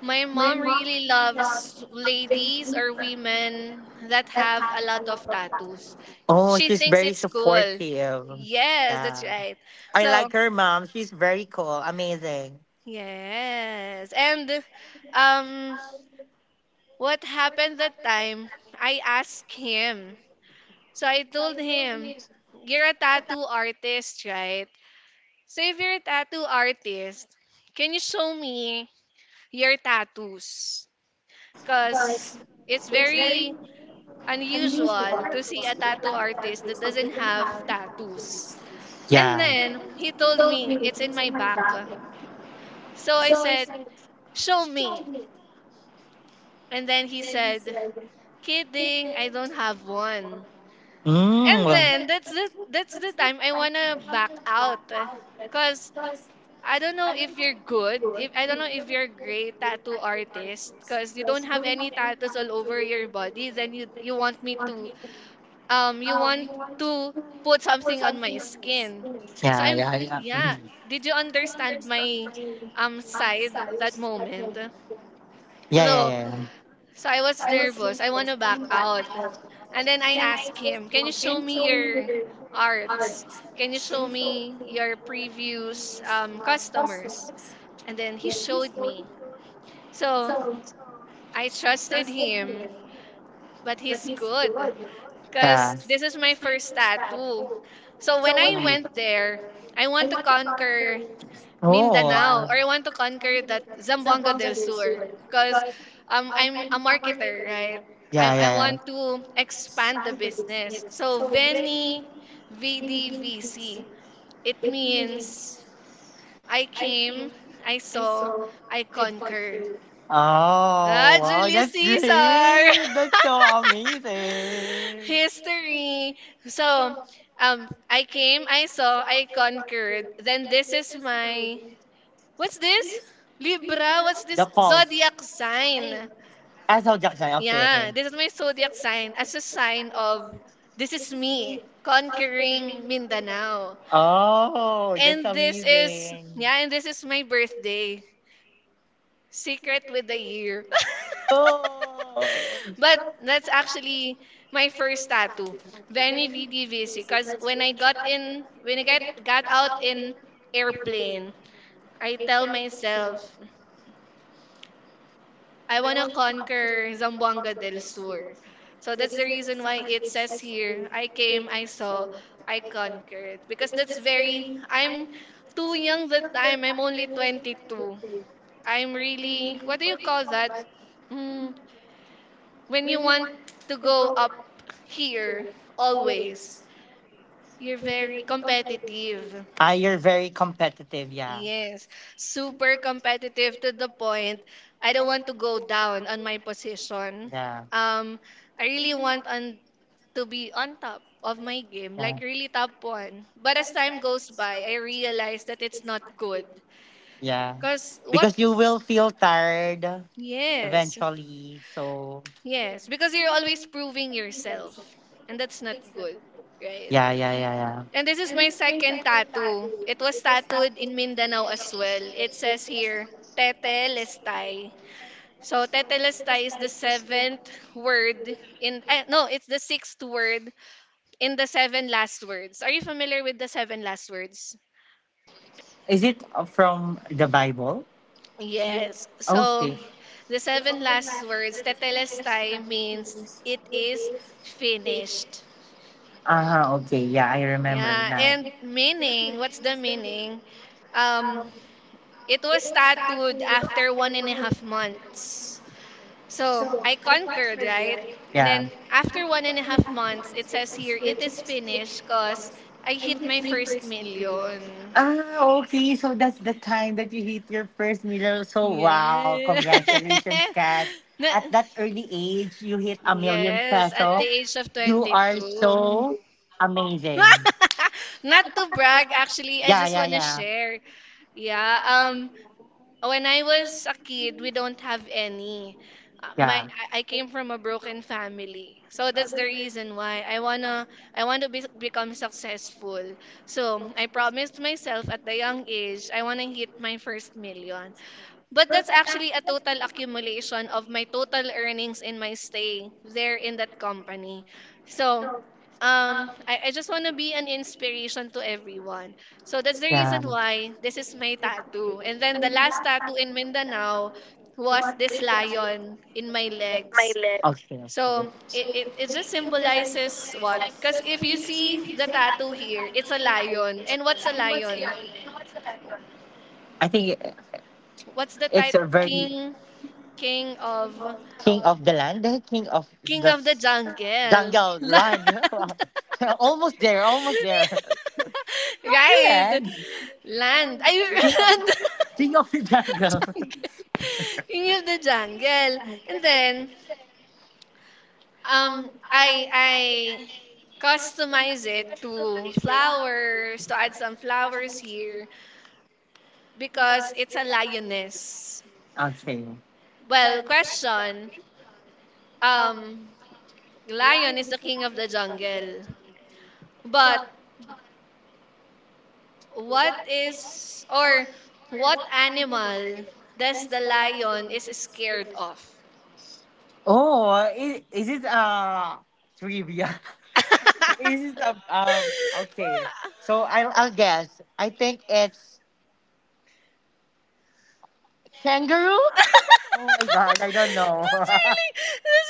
A: my mom really loves ladies or women that have a lot of tattoos.
B: Oh,
A: She
B: she's
A: thinks
B: very
A: it's cool.
B: supportive.
A: Yes, that's
B: Yeah.
A: right.
B: I
A: So,
B: like her mom. She's very cool. Amazing.
A: yes. And um, what happened that time, I asked him so I told him, "You're a tattoo artist, right? So if you're a tattoo artist, can you show me your tattoos? Because it's very unusual to see a tattoo artist that doesn't have tattoos." And
B: Yeah.
A: then he told me, "It's in my back." So I said, "Show me." And then he said, "Kidding, I don't have one." And
B: Mm.
A: then that's the time I wanna back out. Cause I don't know if you're good. If I don't know if you're a great tattoo artist, because you don't have any tattoos all over your body, then you want me to you want to put something on my skin. So
B: Yeah,
A: I'm
B: yeah, yeah.
A: yeah. Did you understand my side that moment?
B: Yeah, yeah,
A: So
B: yeah. Yeah.
A: so I was nervous. I want to back out, and then I asked him, "Can you show me your arts? Can you show me your previous customers?" And then he showed me. So I trusted him, but he's good
B: Yeah.
A: because this is my first tattoo. So when I went there, I want to conquer
B: Oh,
A: Mindanao
B: I,
A: or I want to conquer that Zamboanga del Sur because I'm a marketer, right?
B: yeah,
A: I
B: yeah, yeah.
A: want to expand the business. So Veni VDVC, it means I came, I saw, I conquer. Ah,
B: Oh, wow,
A: Julius
B: that's
A: Caesar!
B: great. That's so amazing.
A: History. So, I came, I saw, I conquered. Then this is my, what's this? Libra, what's
B: The
A: this?
B: pulse.
A: Zodiac sign.
B: I saw Jackson. Okay,
A: Yeah,
B: okay.
A: this is my zodiac sign as a sign of this is me conquering Mindanao.
B: Oh, that's
A: And this is,
B: amazing.
A: yeah, and this is my birthday. Secret with the year.
B: Oh.
A: But that's actually my first tattoo. Veni Vidi Vici. Cause when I got out in airplane, I tell myself I wanna conquer Zamboanga del Sur. So that's the reason why it says here, I came, I saw, I conquered. Because that's very I'm too young that time. I'm only 22. I'm really what do you call that? Hmm, when you want to go up here always, you're very competitive.
B: Ah, you're very competitive, yeah.
A: Yes, super competitive to the point I don't want to go down on my position.
B: Yeah.
A: Um, I really want on to be on top of my game, like
B: Yeah.
A: really top one. But as time goes by, I realize that it's not good.
B: Yeah.
A: Cause what?
B: Because you will feel tired
A: Yes,
B: eventually. So,
A: yes, because you're always proving yourself, and that's not good, right?
B: yeah, yeah, yeah, yeah.
A: And this is my second tattoo. It was tattooed in Mindanao as well. It says here, Tete Lestay. So, Tete Lestay is the seventh word in, no, it's the sixth word in the seven last words. Are you familiar with the seven last words?
B: Is it from the Bible?
A: Yes. So,
B: Okay.
A: the seven last words, "Tetelestai" means it is finished.
B: Uh huh. Okay. Yeah, I remember
A: Yeah,
B: now.
A: and meaning, what's the meaning? Um, It was tattooed after 1.5 months. So I conquered, right? And
B: Yeah.
A: then after 1.5 months, it says here it is finished because I hit my first million.
B: Ah, okay. So that's the time that you hit your first million. So wow,
A: Yeah.
B: congratulations, Kat. At
A: Na-
B: that early age, you hit a million
A: yes, at
B: peso.
A: the age of
B: You are
A: 22.
B: so amazing.
A: Not to brag, actually, I
B: Yeah,
A: just
B: yeah,
A: want to
B: yeah.
A: share. Yeah, when I was a kid, we don't have any. My
B: Yeah.
A: I came from a broken family. So that's the reason why I want to be, become successful. So I promised myself at the young age I wanna hit my first million. But that's actually a total accumulation of my total earnings in my stay there in that company. So, I just want to be an inspiration to everyone. So that's the
B: Yeah.
A: reason why this is my tattoo. And then the last tattoo in Mindanao was this lion in my legs.
B: Okay, okay.
A: So it just symbolizes what? Because if you see the tattoo here, it's a lion. And what's a lion?
B: I think
A: What's the
B: it's a
A: title?
B: very—
A: King, king of.
B: king of the land, king of the
A: King of the Jungle.
B: jungle land.
A: Land.
B: Almost there, almost there. King of the
A: Right.
B: land.
A: Land. Ay,
B: King of,
A: land.
B: king of the jungle.
A: Jungle. King of the Jungle. And then, I customize it to flowers, to add some flowers here, because it's a lioness.
B: Okay.
A: Well, question. Um, lion is the king of the jungle. But what is or what animal does the lion is scared of?
B: Oh, is it trivia?
A: That's
B: Is it a um? Okay. So I'll guess. I think it's kangaroo. Oh my
A: really that's
B: god! I don't know.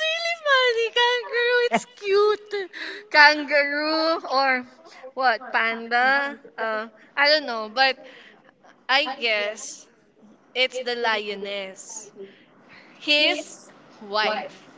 A: really funny. Kangaroo, it's cute. Kangaroo or what? Panda? I don't know, but I guess it's the lioness. His wife.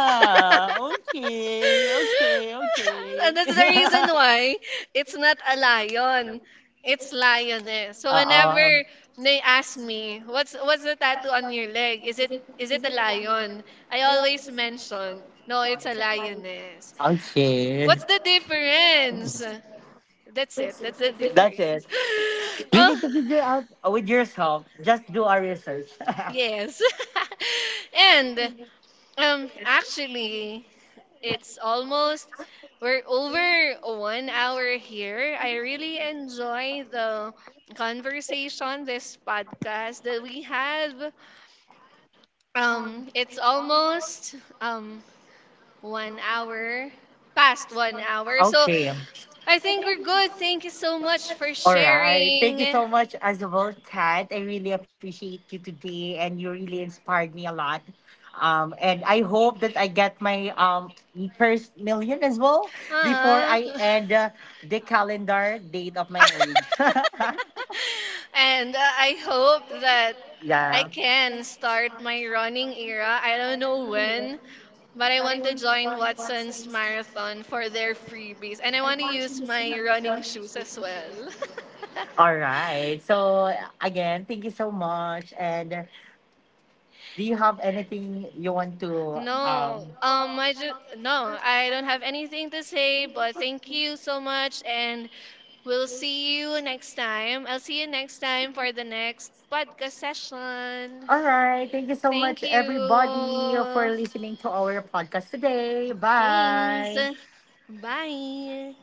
B: Okay. Okay.
A: And
B: Okay.
A: that's the reason why it's not a lion. It's lioness. So
B: uh uh
A: whenever they ask me, what's the tattoo on your leg? Is it a lion? I always mention, no, it's a lioness.
B: Okay.
A: What's the difference? That's it. That's the
B: That's it.
A: difference.
B: You
A: Oh,
B: need to figure out with yourself. Just do a research.
A: yes. And actually it's almost we're over 1 hour here. I really enjoy the conversation, this podcast that we have. It's almost um 1 hour past 1 hour. So
B: Okay.
A: I think we're good. Thank you so much for
B: All right. Thank you
A: sharing.
B: so much, as well, Kat. I really appreciate you today, and you really inspired me a lot. And I hope that I get my first million as well before
A: Uh-huh.
B: I end the calendar date of my age.
A: And I hope that
B: Yeah.
A: I can start my running era. I don't know when, but I want to join Watson's marathon for their freebies. And I want to use my running shoes as well.
B: All right. So again, thank you so much. And do you have anything you want to
A: No,
B: um?
A: no, I don't have anything to say, but thank you so much, and we'll see you next time. I'll see you next time for the next podcast session.
B: All right. Thank you so much,
A: Thank
B: everybody, for
A: you.
B: listening to our podcast today.
A: Thanks.
B: Bye.
A: Bye.